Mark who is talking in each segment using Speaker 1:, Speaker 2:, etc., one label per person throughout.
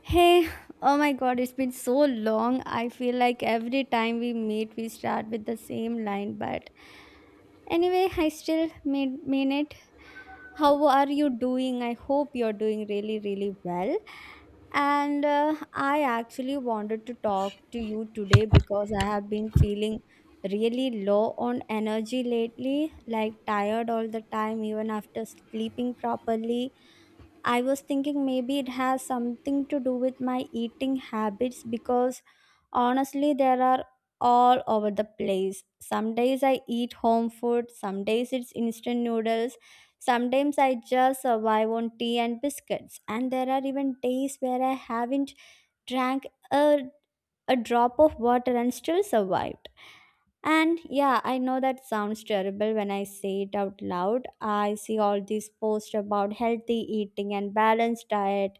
Speaker 1: Hey, oh my god, it's been so long. I feel like every time we meet, we start with the same line, but anyway, I still mean it. How are you doing? I hope you're doing really, really well. And I actually wanted to talk to you today because I have been feeling really low on energy lately, like tired all the time, even after sleeping properly. I was thinking maybe it has something to do with my eating habits because honestly, there are all over the place. Some days I eat home food, some days it's instant noodles, sometimes I just survive on tea and biscuits, and there are even days where I haven't drank a drop of water and still survived. And yeah, I know that sounds terrible when I say it out loud. I see all these posts about healthy eating and balanced diet,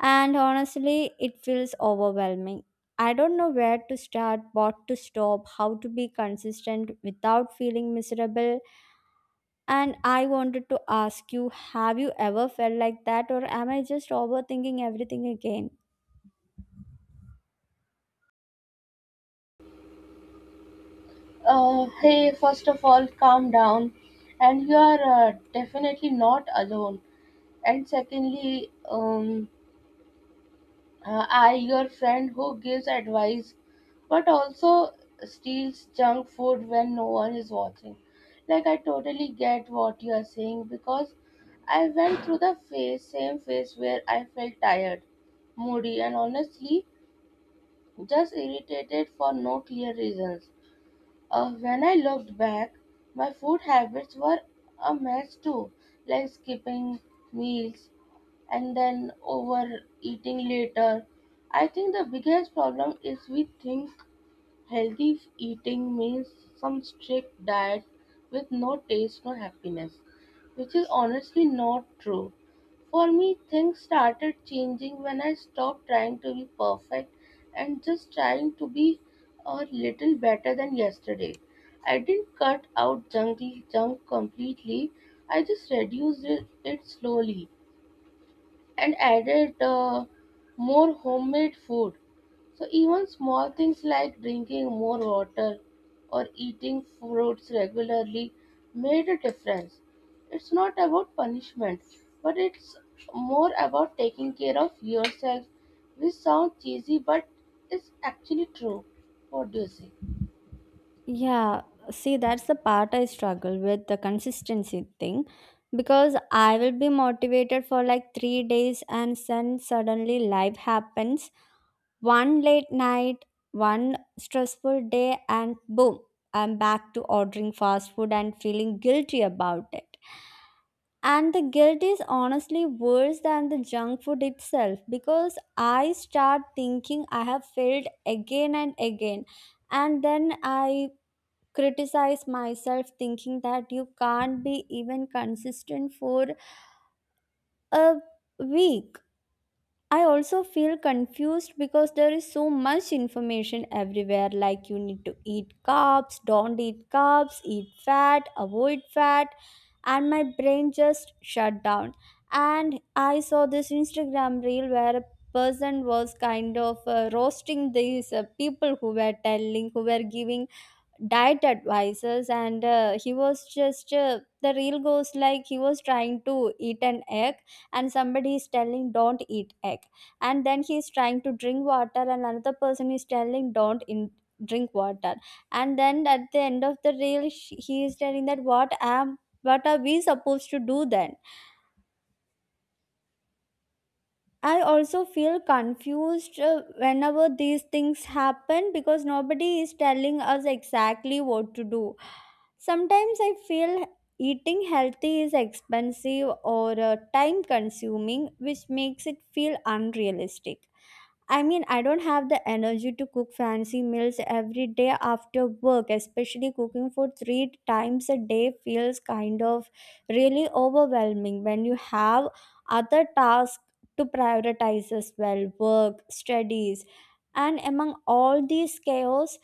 Speaker 1: and honestly, it feels overwhelming. I don't know where to start, what to stop, how to be consistent without feeling miserable. And I wanted to ask you, have you ever felt like that, or am I just overthinking everything again?
Speaker 2: Hey, first of all, calm down. And you are definitely not alone. And secondly, your friend who gives advice but also steals junk food when no one is watching. Like, I totally get what you are saying because I went through the phase, same phase where I felt tired, moody, and honestly just irritated for no clear reasons. When I looked back, my food habits were a mess too, like skipping meals and then overeating later. I think the biggest problem is we think healthy eating means some strict diet with no taste, no happiness, which is honestly not true. For me, things started changing when I stopped trying to be perfect and just trying to be a little better than yesterday. I didn't cut out junky junk completely, I just reduced it slowly and added more homemade food. So even small things like drinking more water or eating fruits regularly made a difference. It's not about punishment, but it's more about taking care of yourself, which sounds cheesy but is actually true. What do you say?
Speaker 1: Yeah, see, that's the part I struggle with, the consistency thing, because I will be motivated for like 3 days and then suddenly life happens. One late night, one stressful day, and boom, I'm back to ordering fast food and feeling guilty about it. And the guilt is honestly worse than the junk food itself, because I start thinking I have failed again and again. And then I criticize myself thinking that you can't be even consistent for a week. I also feel confused because there is so much information everywhere, like you need to eat carbs, don't eat carbs, eat fat, avoid fat, and my brain just shut down. And I saw this Instagram reel where a person was kind of roasting these people who were giving diet advisors, and he was just the reel goes like, he was trying to eat an egg and somebody is telling don't eat egg, and then he is trying to drink water and another person is telling don't drink water, and then at the end of the reel he is telling that what are we supposed to do then. I also feel confused whenever these things happen because nobody is telling us exactly what to do. Sometimes I feel eating healthy is expensive or time consuming, which makes it feel unrealistic. I mean, I don't have the energy to cook fancy meals every day after work, especially cooking for three times a day feels kind of really overwhelming when you have other tasks to prioritize as well, work, studies, and among all these chaos,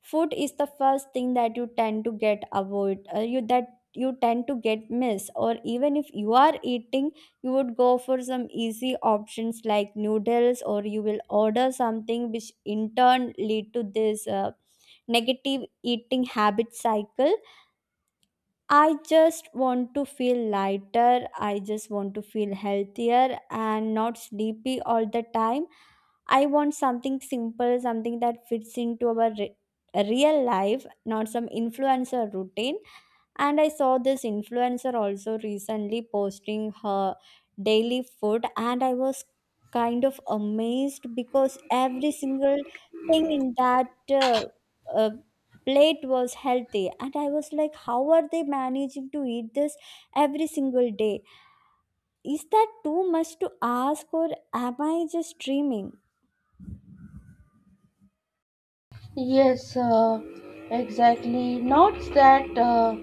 Speaker 1: food is the first thing that you tend to get miss, or even if you are eating, you would go for some easy options like noodles, or you will order something which in turn lead to this negative eating habit cycle. I just want to feel lighter, I just want to feel healthier and not sleepy all the time. I want something simple, something that fits into our real life, not some influencer routine. And I saw this influencer also recently posting her daily food, and I was kind of amazed because every single thing in that uh, uh, plate was healthy. And I was like, how are they managing to eat this every single day? Is that too much to ask, or am I just dreaming?
Speaker 2: Yes, exactly. Not that.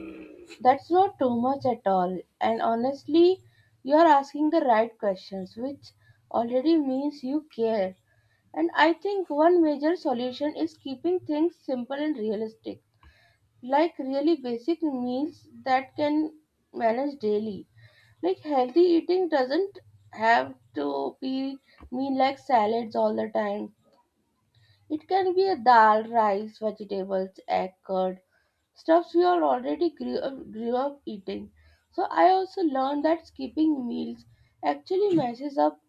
Speaker 2: That's not too much at all. And honestly, you are asking the right questions, which already means you care. And I think one major solution is keeping things simple and realistic, like really basic meals that can manage daily. Like healthy eating doesn't have to be mean like salads all the time. It can be a dal, rice, vegetables, egg, curd stuffs we all already grew up eating. So I also learned that skipping meals actually messes up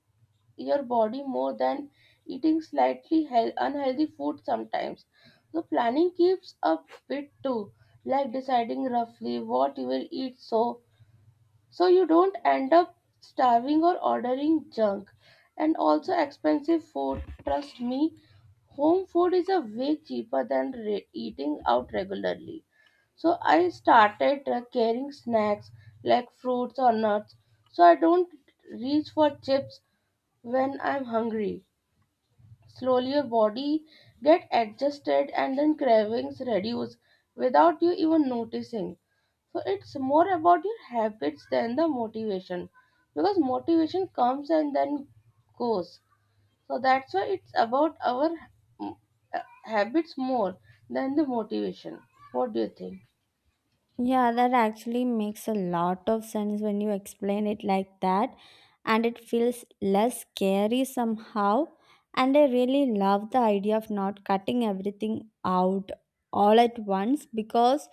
Speaker 2: your body more than eating slightly health, unhealthy food sometimes. So planning keeps up with too, like deciding roughly what you will eat so you don't end up starving or ordering junk and also expensive food, trust me, home food is a way cheaper than eating out regularly. So I started carrying snacks like fruits or nuts so I don't reach for chips when I'm hungry. Slowly your body get adjusted and then cravings reduce without you even noticing. So it's more about your habits than the motivation because motivation comes and then goes. So that's why it's about our mm, habits more than the motivation. What do you think?
Speaker 1: Yeah, that actually makes a lot of sense when you explain it like that, and it feels less scary somehow. And I really love the idea of not cutting everything out all at once, because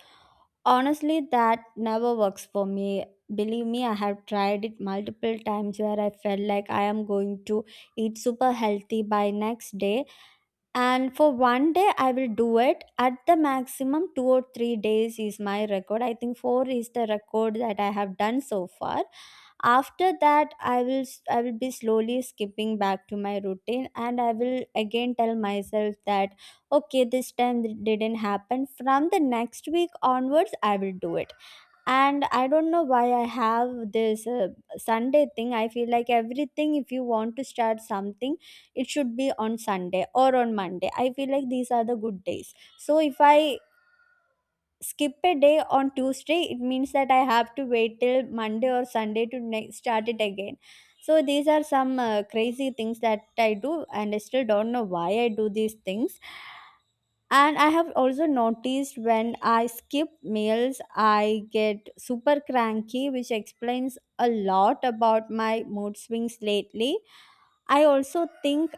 Speaker 1: honestly, that never works for me. Believe me, I have tried it multiple times where I felt like I am going to eat super healthy by next day, and for one day I will do it. At the maximum 2 or 3 days is my record. I think four is the record that I have done so far. After that, I will be slowly skipping back to my routine, and I will again tell myself that, okay, this time it didn't happen, from the next week onwards I will do it. And I don't know why I have this Sunday thing. I feel like, everything, if you want to start something, it should be on Sunday or on Monday. I feel like these are the good days. So if I skip a day on Tuesday, it means that I have to wait till Monday or Sunday to start it again. So these are some crazy things that I do, and I still don't know why I do these things. And I have also noticed when I skip meals, I get super cranky, which explains a lot about my mood swings lately. I also think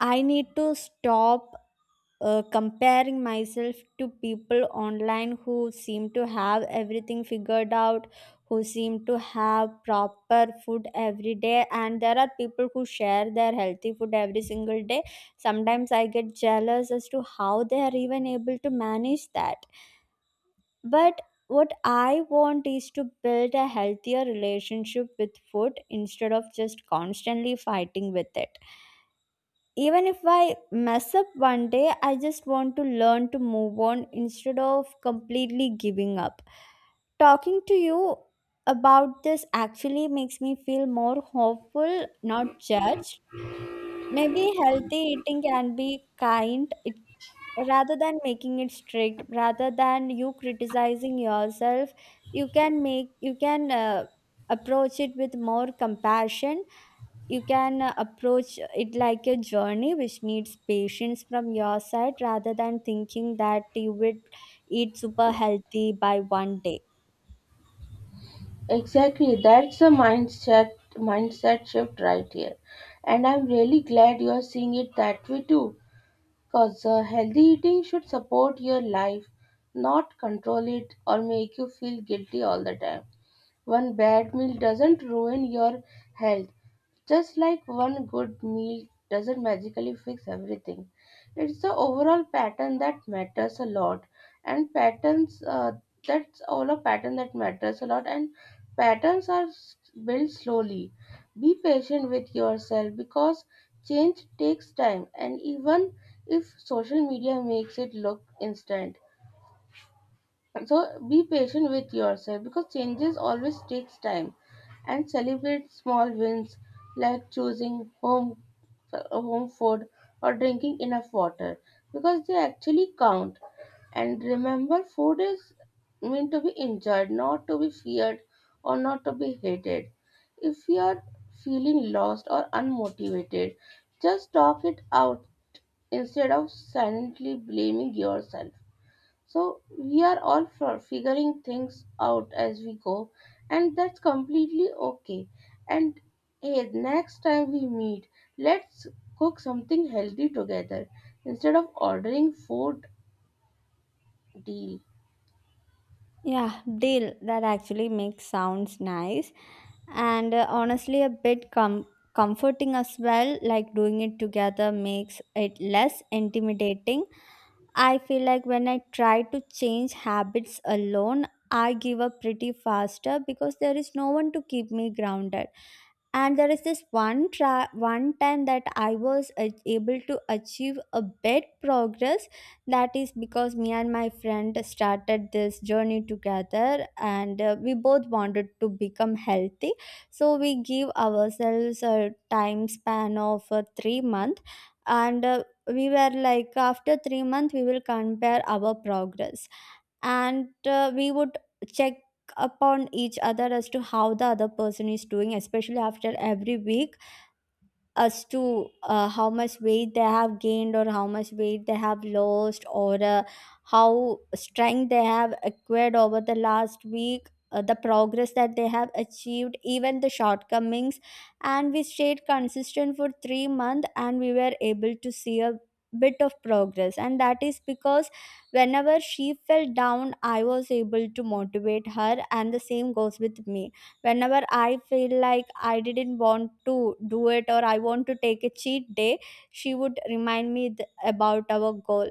Speaker 1: I need to stop comparing myself to people online who seem to have everything figured out, who seem to have proper food every day, and there are people who share their healthy food every single day. Sometimes I get jealous as to how they are even able to manage that. But what I want is to build a healthier relationship with food instead of just constantly fighting with it. Even if I mess up one day, I just want to learn to move on instead of completely giving up. Talking to you about this actually makes me feel more hopeful, not judged. Maybe healthy eating can be kind it, rather than making it strict, rather than you criticizing yourself. You can make you can approach it with more compassion. You can approach it like a journey which needs patience from your side, rather than thinking that you would eat super healthy by one day.
Speaker 2: Exactly, that's the mindset shift right here. And I'm really glad you're seeing it that way too. Because healthy eating should support your life, not control it or make you feel guilty all the time. One bad meal doesn't ruin your health, just like one good meal doesn't magically fix everything. It's the overall pattern that matters a lot, and pattern that matters a lot, and patterns are built slowly. Be patient with yourself because change takes time, and even if social media makes it look instant, so be patient with yourself because changes always takes time and celebrate small wins like choosing home food or drinking enough water because they actually count. And remember, food is meant to be enjoyed, not to be feared or not to be hated. If you are feeling lost or unmotivated, just talk it out instead of silently blaming yourself. So we are all for figuring things out as we go, and that's completely okay. And hey, next time we meet, let's cook something healthy together instead of ordering food. Deal.
Speaker 1: Yeah, deal. That actually makes sounds nice, and honestly a bit comforting as well. Like, doing it together makes it less intimidating. I feel like when I try to change habits alone, I give up pretty faster because there is no one to keep me grounded. And there is this one time that I was able to achieve a bit progress. That is because me and my friend started this journey together, and we both wanted to become healthy. So we give ourselves a time span of 3 months, and we were like, after 3 months we will compare our progress. And we would check upon each other as to how the other person is doing, especially after every week, as to how much weight they have gained or how much weight they have lost, or how strength they have acquired over the last week, the progress that they have achieved, even the shortcomings. And we stayed consistent for 3 months, and we were able to see a bit of progress, and that is because whenever she fell down, I was able to motivate her, and the same goes with me. Whenever I feel like I didn't want to do it, or I want to take a cheat day, she would remind me about our goal.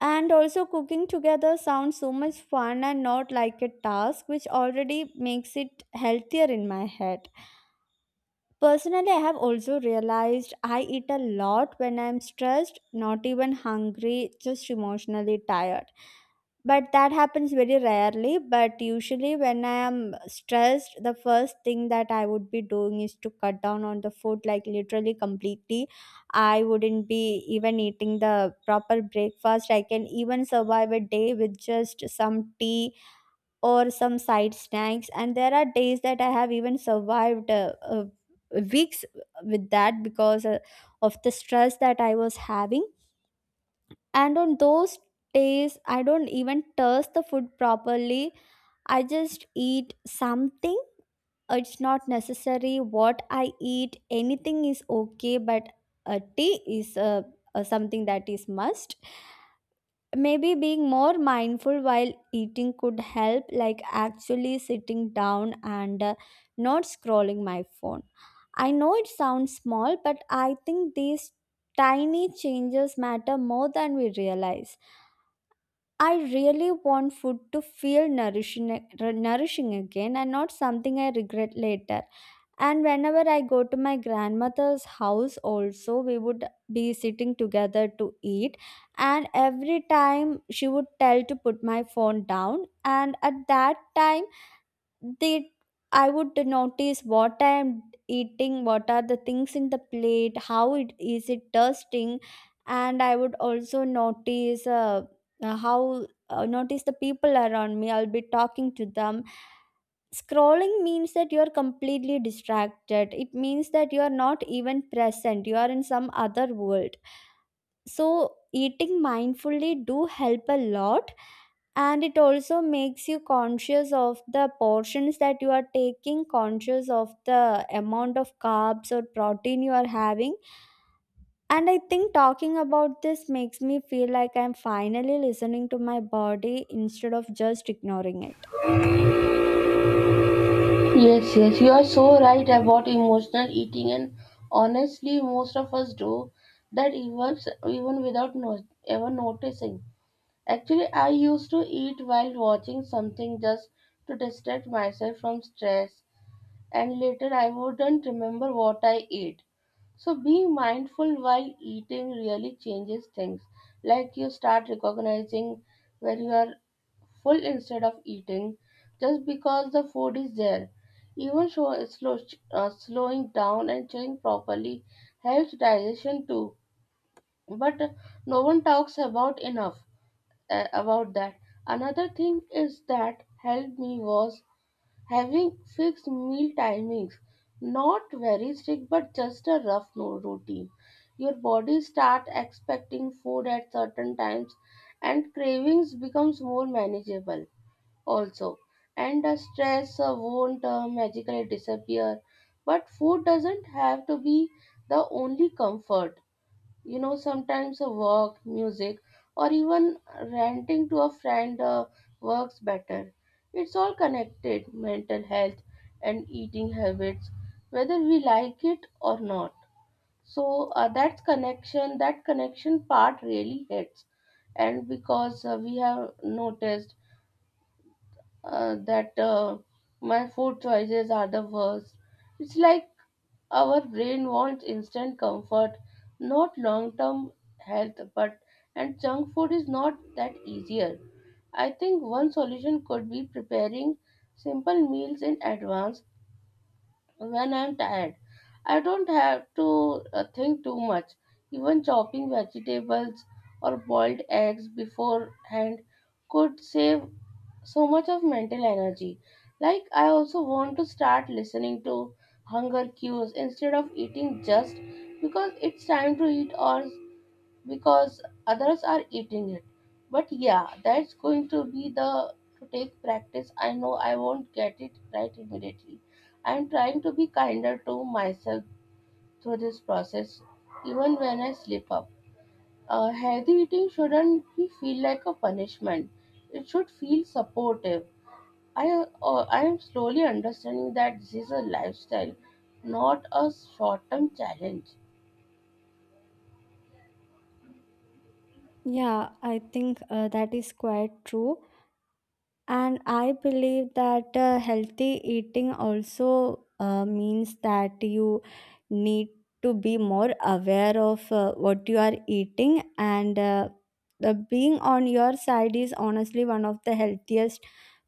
Speaker 1: And also cooking together sounds so much fun and not like a task, which already makes it healthier in my head. Personally, I have also realized I eat a lot when I'm stressed, not even hungry, just emotionally tired. But that happens very rarely. But usually, when I am stressed, the first thing that I would be doing is to cut down on the food, like literally completely. I wouldn't be even eating the proper breakfast. I can even survive a day with just some tea or some side snacks. And there are days that I have even survived weeks with that because of the stress that I was having. And on those days I don't even taste the food properly, I just eat something. It's not necessary what I eat, anything is okay, but a tea is something that is must. Maybe being more mindful while eating could help, like actually sitting down and not scrolling my phone. I know it sounds small, but I think these tiny changes matter more than we realize. I really want food to feel nourishing again and not something I regret later. And whenever I go to my grandmother's house, also, we would be sitting together to eat. And every time she would tell to put my phone down. And at that time, they I would notice what I am eating, what are the things in the plate, how it is it tasting? And I would also notice how notice the people around me. I'll be talking to them. Scrolling means that you're completely distracted. It means that you're not even present, you are in some other world. So eating mindfully do help a lot, and it also makes you conscious of the portions that you are taking, conscious of the amount of carbs or protein you are having. And I think talking about this makes me feel like I'm finally listening to my body instead of just ignoring it.
Speaker 2: Yes, yes, you are so right about emotional eating, and honestly, most of us do that even without no, ever noticing. Actually, I used to eat while watching something just to distract myself from stress and later I wouldn't remember what I ate. So being mindful while eating really changes things. Like you start recognizing when you are full instead of eating just because the food is there. Even slowing down and chewing properly helps digestion too. But no one talks about enough about that. Another thing is that helped me was having fixed meal timings, not very strict but just a rough routine, your body start expecting food at certain times and cravings becomes more manageable also. And the stress won't magically disappear, but food doesn't have to be the only comfort. You know, sometimes a walk, music, or even ranting to a friend works better. It's all connected, mental health and eating habits, whether we like it or not. So that's connection, that connection part really hits. And because we have noticed that my food choices are the worst. It's like our brain wants instant comfort, not long-term health, but and junk food is not that easier. I think one solution could be preparing simple meals in advance when I'm tired. I don't have to think too much. Even chopping vegetables or boiled eggs beforehand could save so much of mental energy. Like, I also want to start listening to hunger cues instead of eating just because it's time to eat or because others are eating it. But yeah, that's going to be the to take practice. I know I won't get it right immediately. I'm trying to be kinder to myself through this process, even when I slip up. Healthy eating shouldn't be feel like a punishment. It should feel supportive. I, I am slowly understanding that this is a lifestyle, not a short term challenge.
Speaker 1: Yeah, I think that is quite true. And I believe that healthy eating also means that you need to be more aware of what you are eating, and the being on your side is honestly one of the healthiest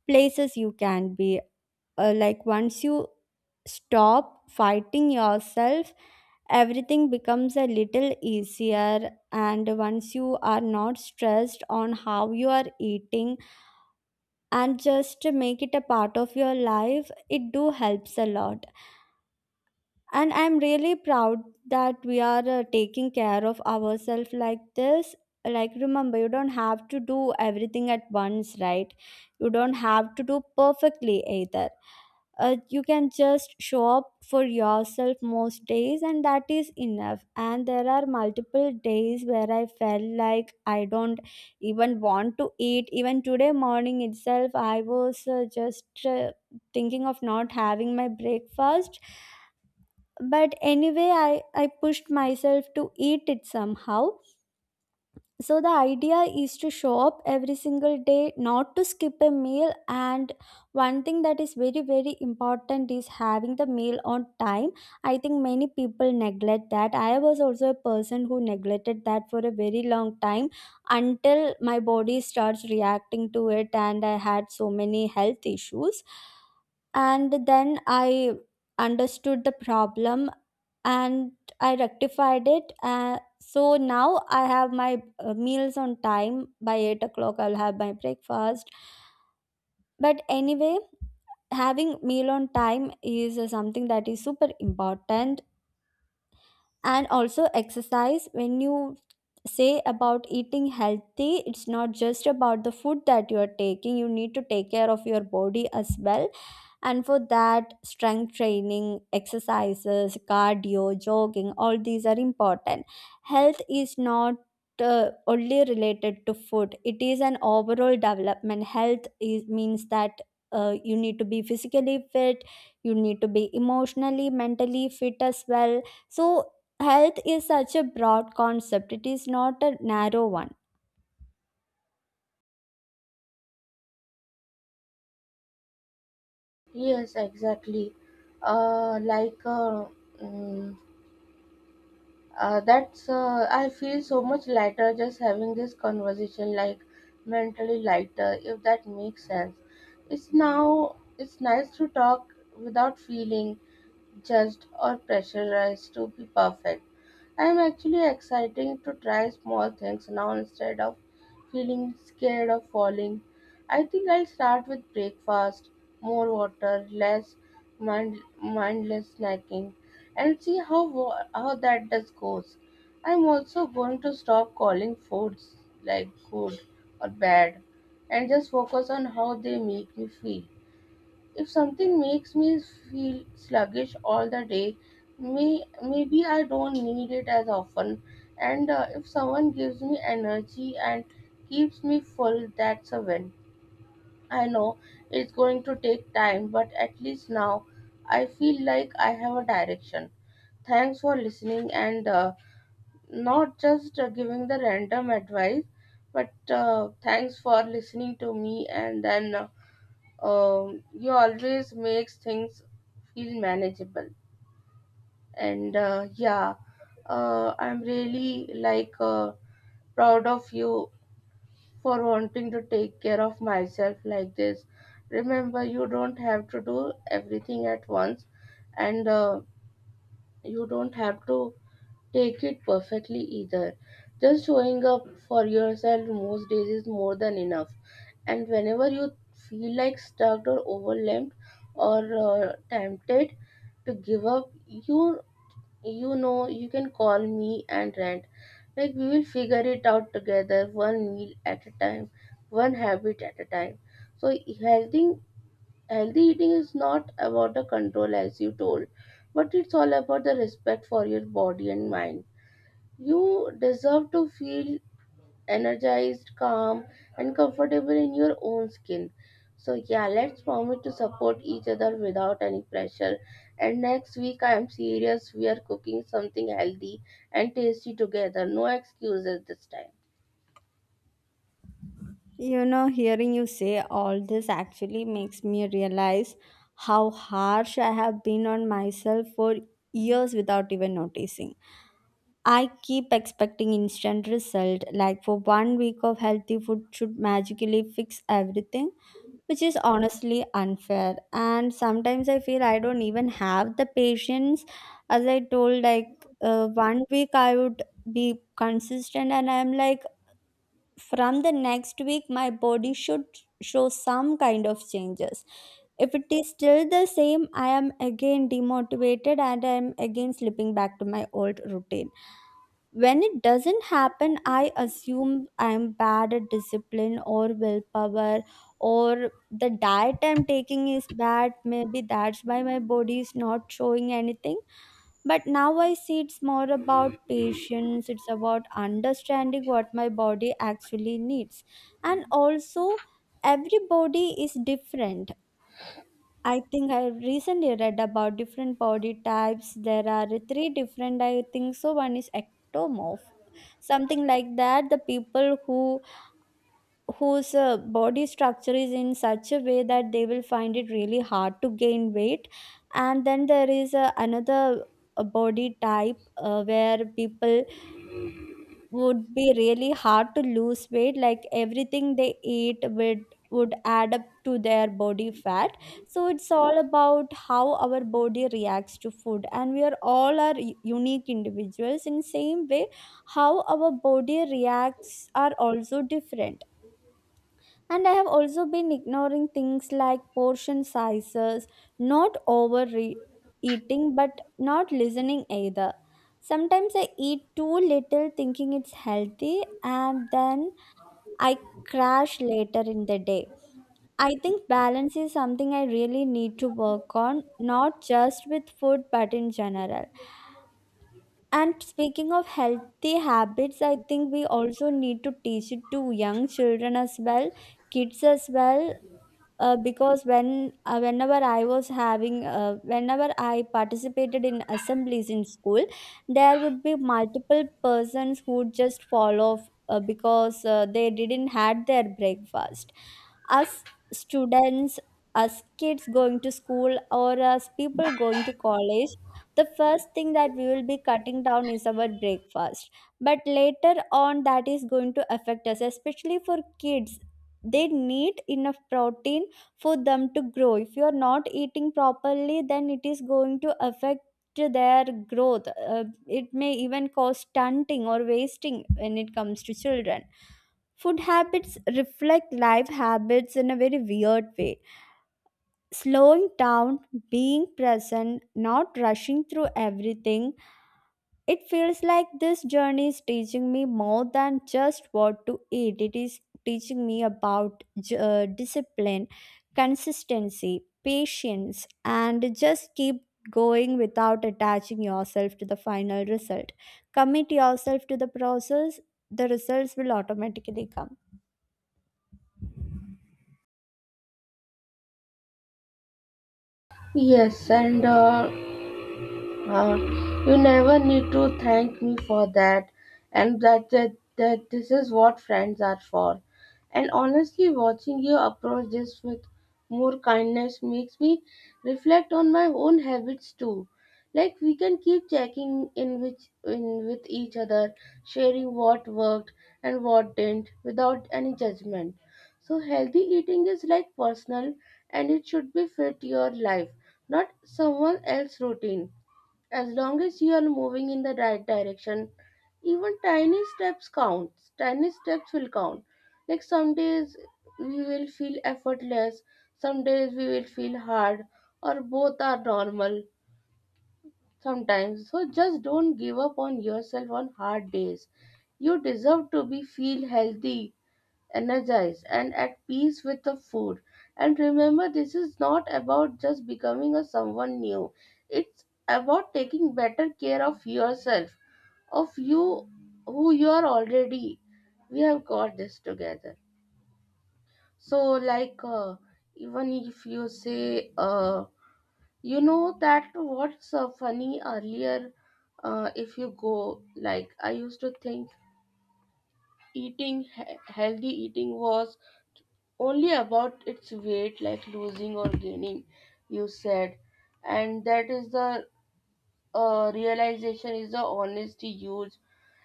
Speaker 1: places you can be. Like, once you stop fighting yourself, everything becomes a little easier, and once you are not stressed on how you are eating and just make it a part of your life, it do helps a lot. And I'm really proud that we are taking care of ourselves like this. Like, remember, you don't have to do everything at once, right? You don't have to do perfectly either. You can just show up for yourself most days, and that is enough. And there are multiple days where I felt like I don't even want to eat. Even today morning itself I was just thinking of not having my breakfast, but anyway, I pushed myself to eat it somehow. So the idea is to show up every single day, not to skip a meal. And one thing that is very very important is having the meal on time. I think many people neglect that. I was also a person who neglected that for a very long time, until my body starts reacting to it and I had so many health issues. And then I understood the problem, and I rectified it. So now I have my meals on time. By 8 o'clock I'll have my breakfast. But anyway, having meal on time is something that is super important. And also exercise, when you say about eating healthy, it's not just about the food that you are taking, you need to take care of your body as well. And for that, strength training exercises, cardio, jogging, all these are important. Health is not only related to food, it is an overall development. Health is means that you need to be physically fit, you need to be emotionally, mentally fit as well. So health is such a broad concept, it is not a narrow one.
Speaker 2: Yes, exactly. Uh, like, uh, mm, that's, I feel so much lighter just having this conversation, like mentally lighter, if that makes sense. It's nice to talk without feeling judged or pressurized to be perfect. I'm actually exciting to try small things now instead of feeling scared of falling. I think I'll start with breakfast, more water, less mindless snacking, and see how that does goes. I'm also going to stop calling foods like good or bad and just focus on how they make me feel. If something makes me feel sluggish all the day, maybe I don't need it as often. And if someone gives me energy and keeps me full, that's a win. I know it's going to take time, but at least now I feel like I have a direction. Thanks for listening and not just giving the random advice, but thanks for listening to me and then. You always makes things feel manageable and yeah, I'm really like proud of you for wanting to take care of myself like this. Remember, you don't have to do everything at once and you don't have to take it perfectly either. Just showing up for yourself most days is more than enough. And whenever you feel like stuck or overwhelmed or tempted to give up, you know you can call me and rant. Like we will figure it out together, one meal at a time, one habit at a time. So healthy healthy eating is not about the control as you told, but it's all about the respect for your body and mind. You deserve to feel energized, calm, and comfortable in your own skin. So, yeah, let's promise to support each other without any pressure. And next week, I am serious. We are cooking something healthy and tasty together. No excuses this time.
Speaker 1: You know, hearing you say all this actually makes me realize how harsh I have been on myself for years without even noticing. I keep expecting instant result, like for 1 week of healthy food should magically fix everything, which is honestly unfair. And sometimes I feel I don't even have the patience. As I told, like, 1 week I would be consistent, and I'm like from the next week my body should show some kind of changes. If it is still the same, I am again demotivated, and I am again slipping back to my old routine. When it doesn't happen, I assume I am bad at discipline or willpower, or the diet I'm taking is bad, maybe that's why my body is not showing anything. But now I see it's more about patience, it's about understanding what my body actually needs. And also, everybody is different. I think I recently read about different body types. There are three different, I think so. One is ectomorph, something like that. The people who whose body structure is in such a way that they will find it really hard to gain weight. And then there is another body type where people would be really hard to lose weight, like everything they eat would add up to their body fat. So it's all about how our body reacts to food, and we are all are unique individuals. In same way, how our body reacts are also different. And I have also been ignoring things like portion sizes, not overeating, but not listening either. Sometimes I eat too little thinking it's healthy, and then I crash later in the day. I think balance is something I really need to work on, not just with food but in general. And speaking of healthy habits, I think we also need to teach it to young children as well, kids as well, because when whenever I participated in assemblies in school, there would be multiple persons who would just fall off because they didn't had their breakfast. Us students, as kids going to school or as people going to college, the first thing that we will be cutting down is our breakfast. But later on, that is going to affect us, especially for kids. They need enough protein for them to grow. If you are not eating properly, then it is going to affect their growth. Uh, it may even cause stunting or wasting when it comes to children. Food habits reflect life habits in a very weird way. Slowing down, being present, not rushing through everything, it feels like this journey is teaching me more than just what to eat. It is teaching me about discipline, consistency, patience, and just keep going without attaching yourself to the final result. Commit yourself to the process, the results will automatically come.
Speaker 2: Yes, and Uh, you never need to thank me for that, and that this is what friends are for. And honestly, watching you approach this with more kindness makes me reflect on my own habits too. Like we can keep checking in which in with each other, sharing what worked and what didn't without any judgment. So healthy eating is like personal, and it should be fit your life, not someone else's routine. As long as you are moving in the right direction, even tiny steps counts. Tiny steps will count. Like some days we will feel effortless, some days we will feel hard, or both are normal sometimes. So just don't give up on yourself on hard days. You deserve to be feel healthy, energized, and at peace with the food. And remember, this is not about just becoming a someone new. It's about taking better care of yourself, of you who you are already. We have got this together. So, even if you say, you know that what's funny earlier, if you go, like, I used to think eating healthy eating was only about its weight, like losing or gaining, you said. And that is the realization is the honesty huge,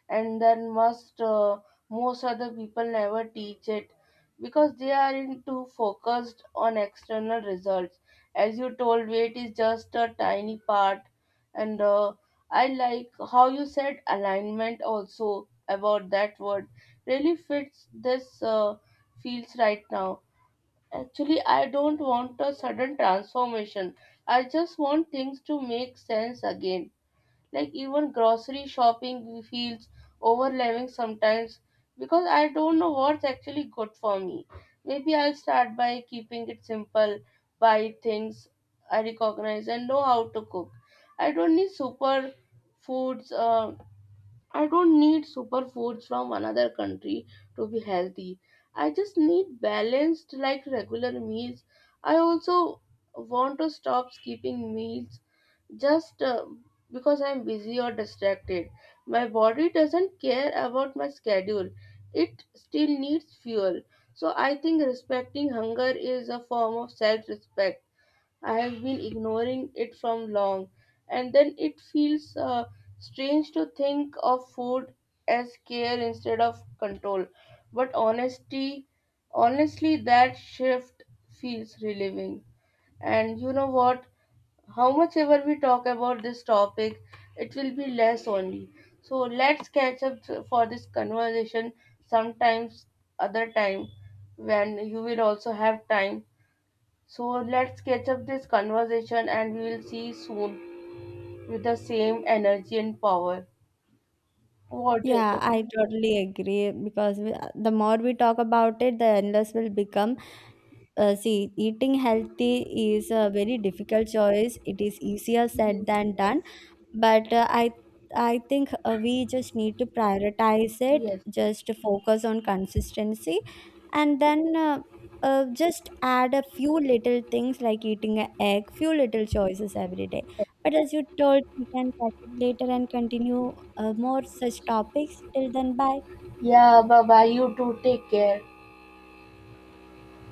Speaker 2: and then must most other people never teach it because they are in too focused on external results. As you told, weight is just a tiny part, and I like how you said alignment also about that word really fits this feels right now. Actually, I don't want a sudden transformation. I just want things to make sense again. Like even grocery shopping feels overwhelming sometimes because I don't know what's actually good for me. Maybe I'll start by keeping it simple, buy things I recognize and know how to cook. I don't need super foods. I don't need superfoods from another country to be healthy. I just need balanced, like regular meals. I also want to stop skipping meals just because I'm busy or distracted. My body doesn't care about my schedule, it still needs fuel. So I think respecting hunger is a form of self respect. I have been ignoring it from long, and then it feels strange to think of food as care instead of control. But honestly, that shift feels relieving. And you know what? How much ever we talk about this topic, it will be less only. So let's catch up for this conversation sometimes other time when you will also have time, so let's catch up this conversation and we will see soon with the same energy and power. What do you
Speaker 1: Yeah,
Speaker 2: think?
Speaker 1: I totally agree, because we, the more we talk about it, the endless will become. See, eating healthy is a very difficult choice. It is easier said than
Speaker 2: Mhm.
Speaker 1: done, but uh, I think we just need to prioritize it,
Speaker 2: Yes.
Speaker 1: just to focus on consistency, and then just add a few little things like eating an egg, few little choices every day. But as you told, we can catch up later and continue more such topics. Till then, bye.
Speaker 2: Yeah, bye bye. You too. Take care.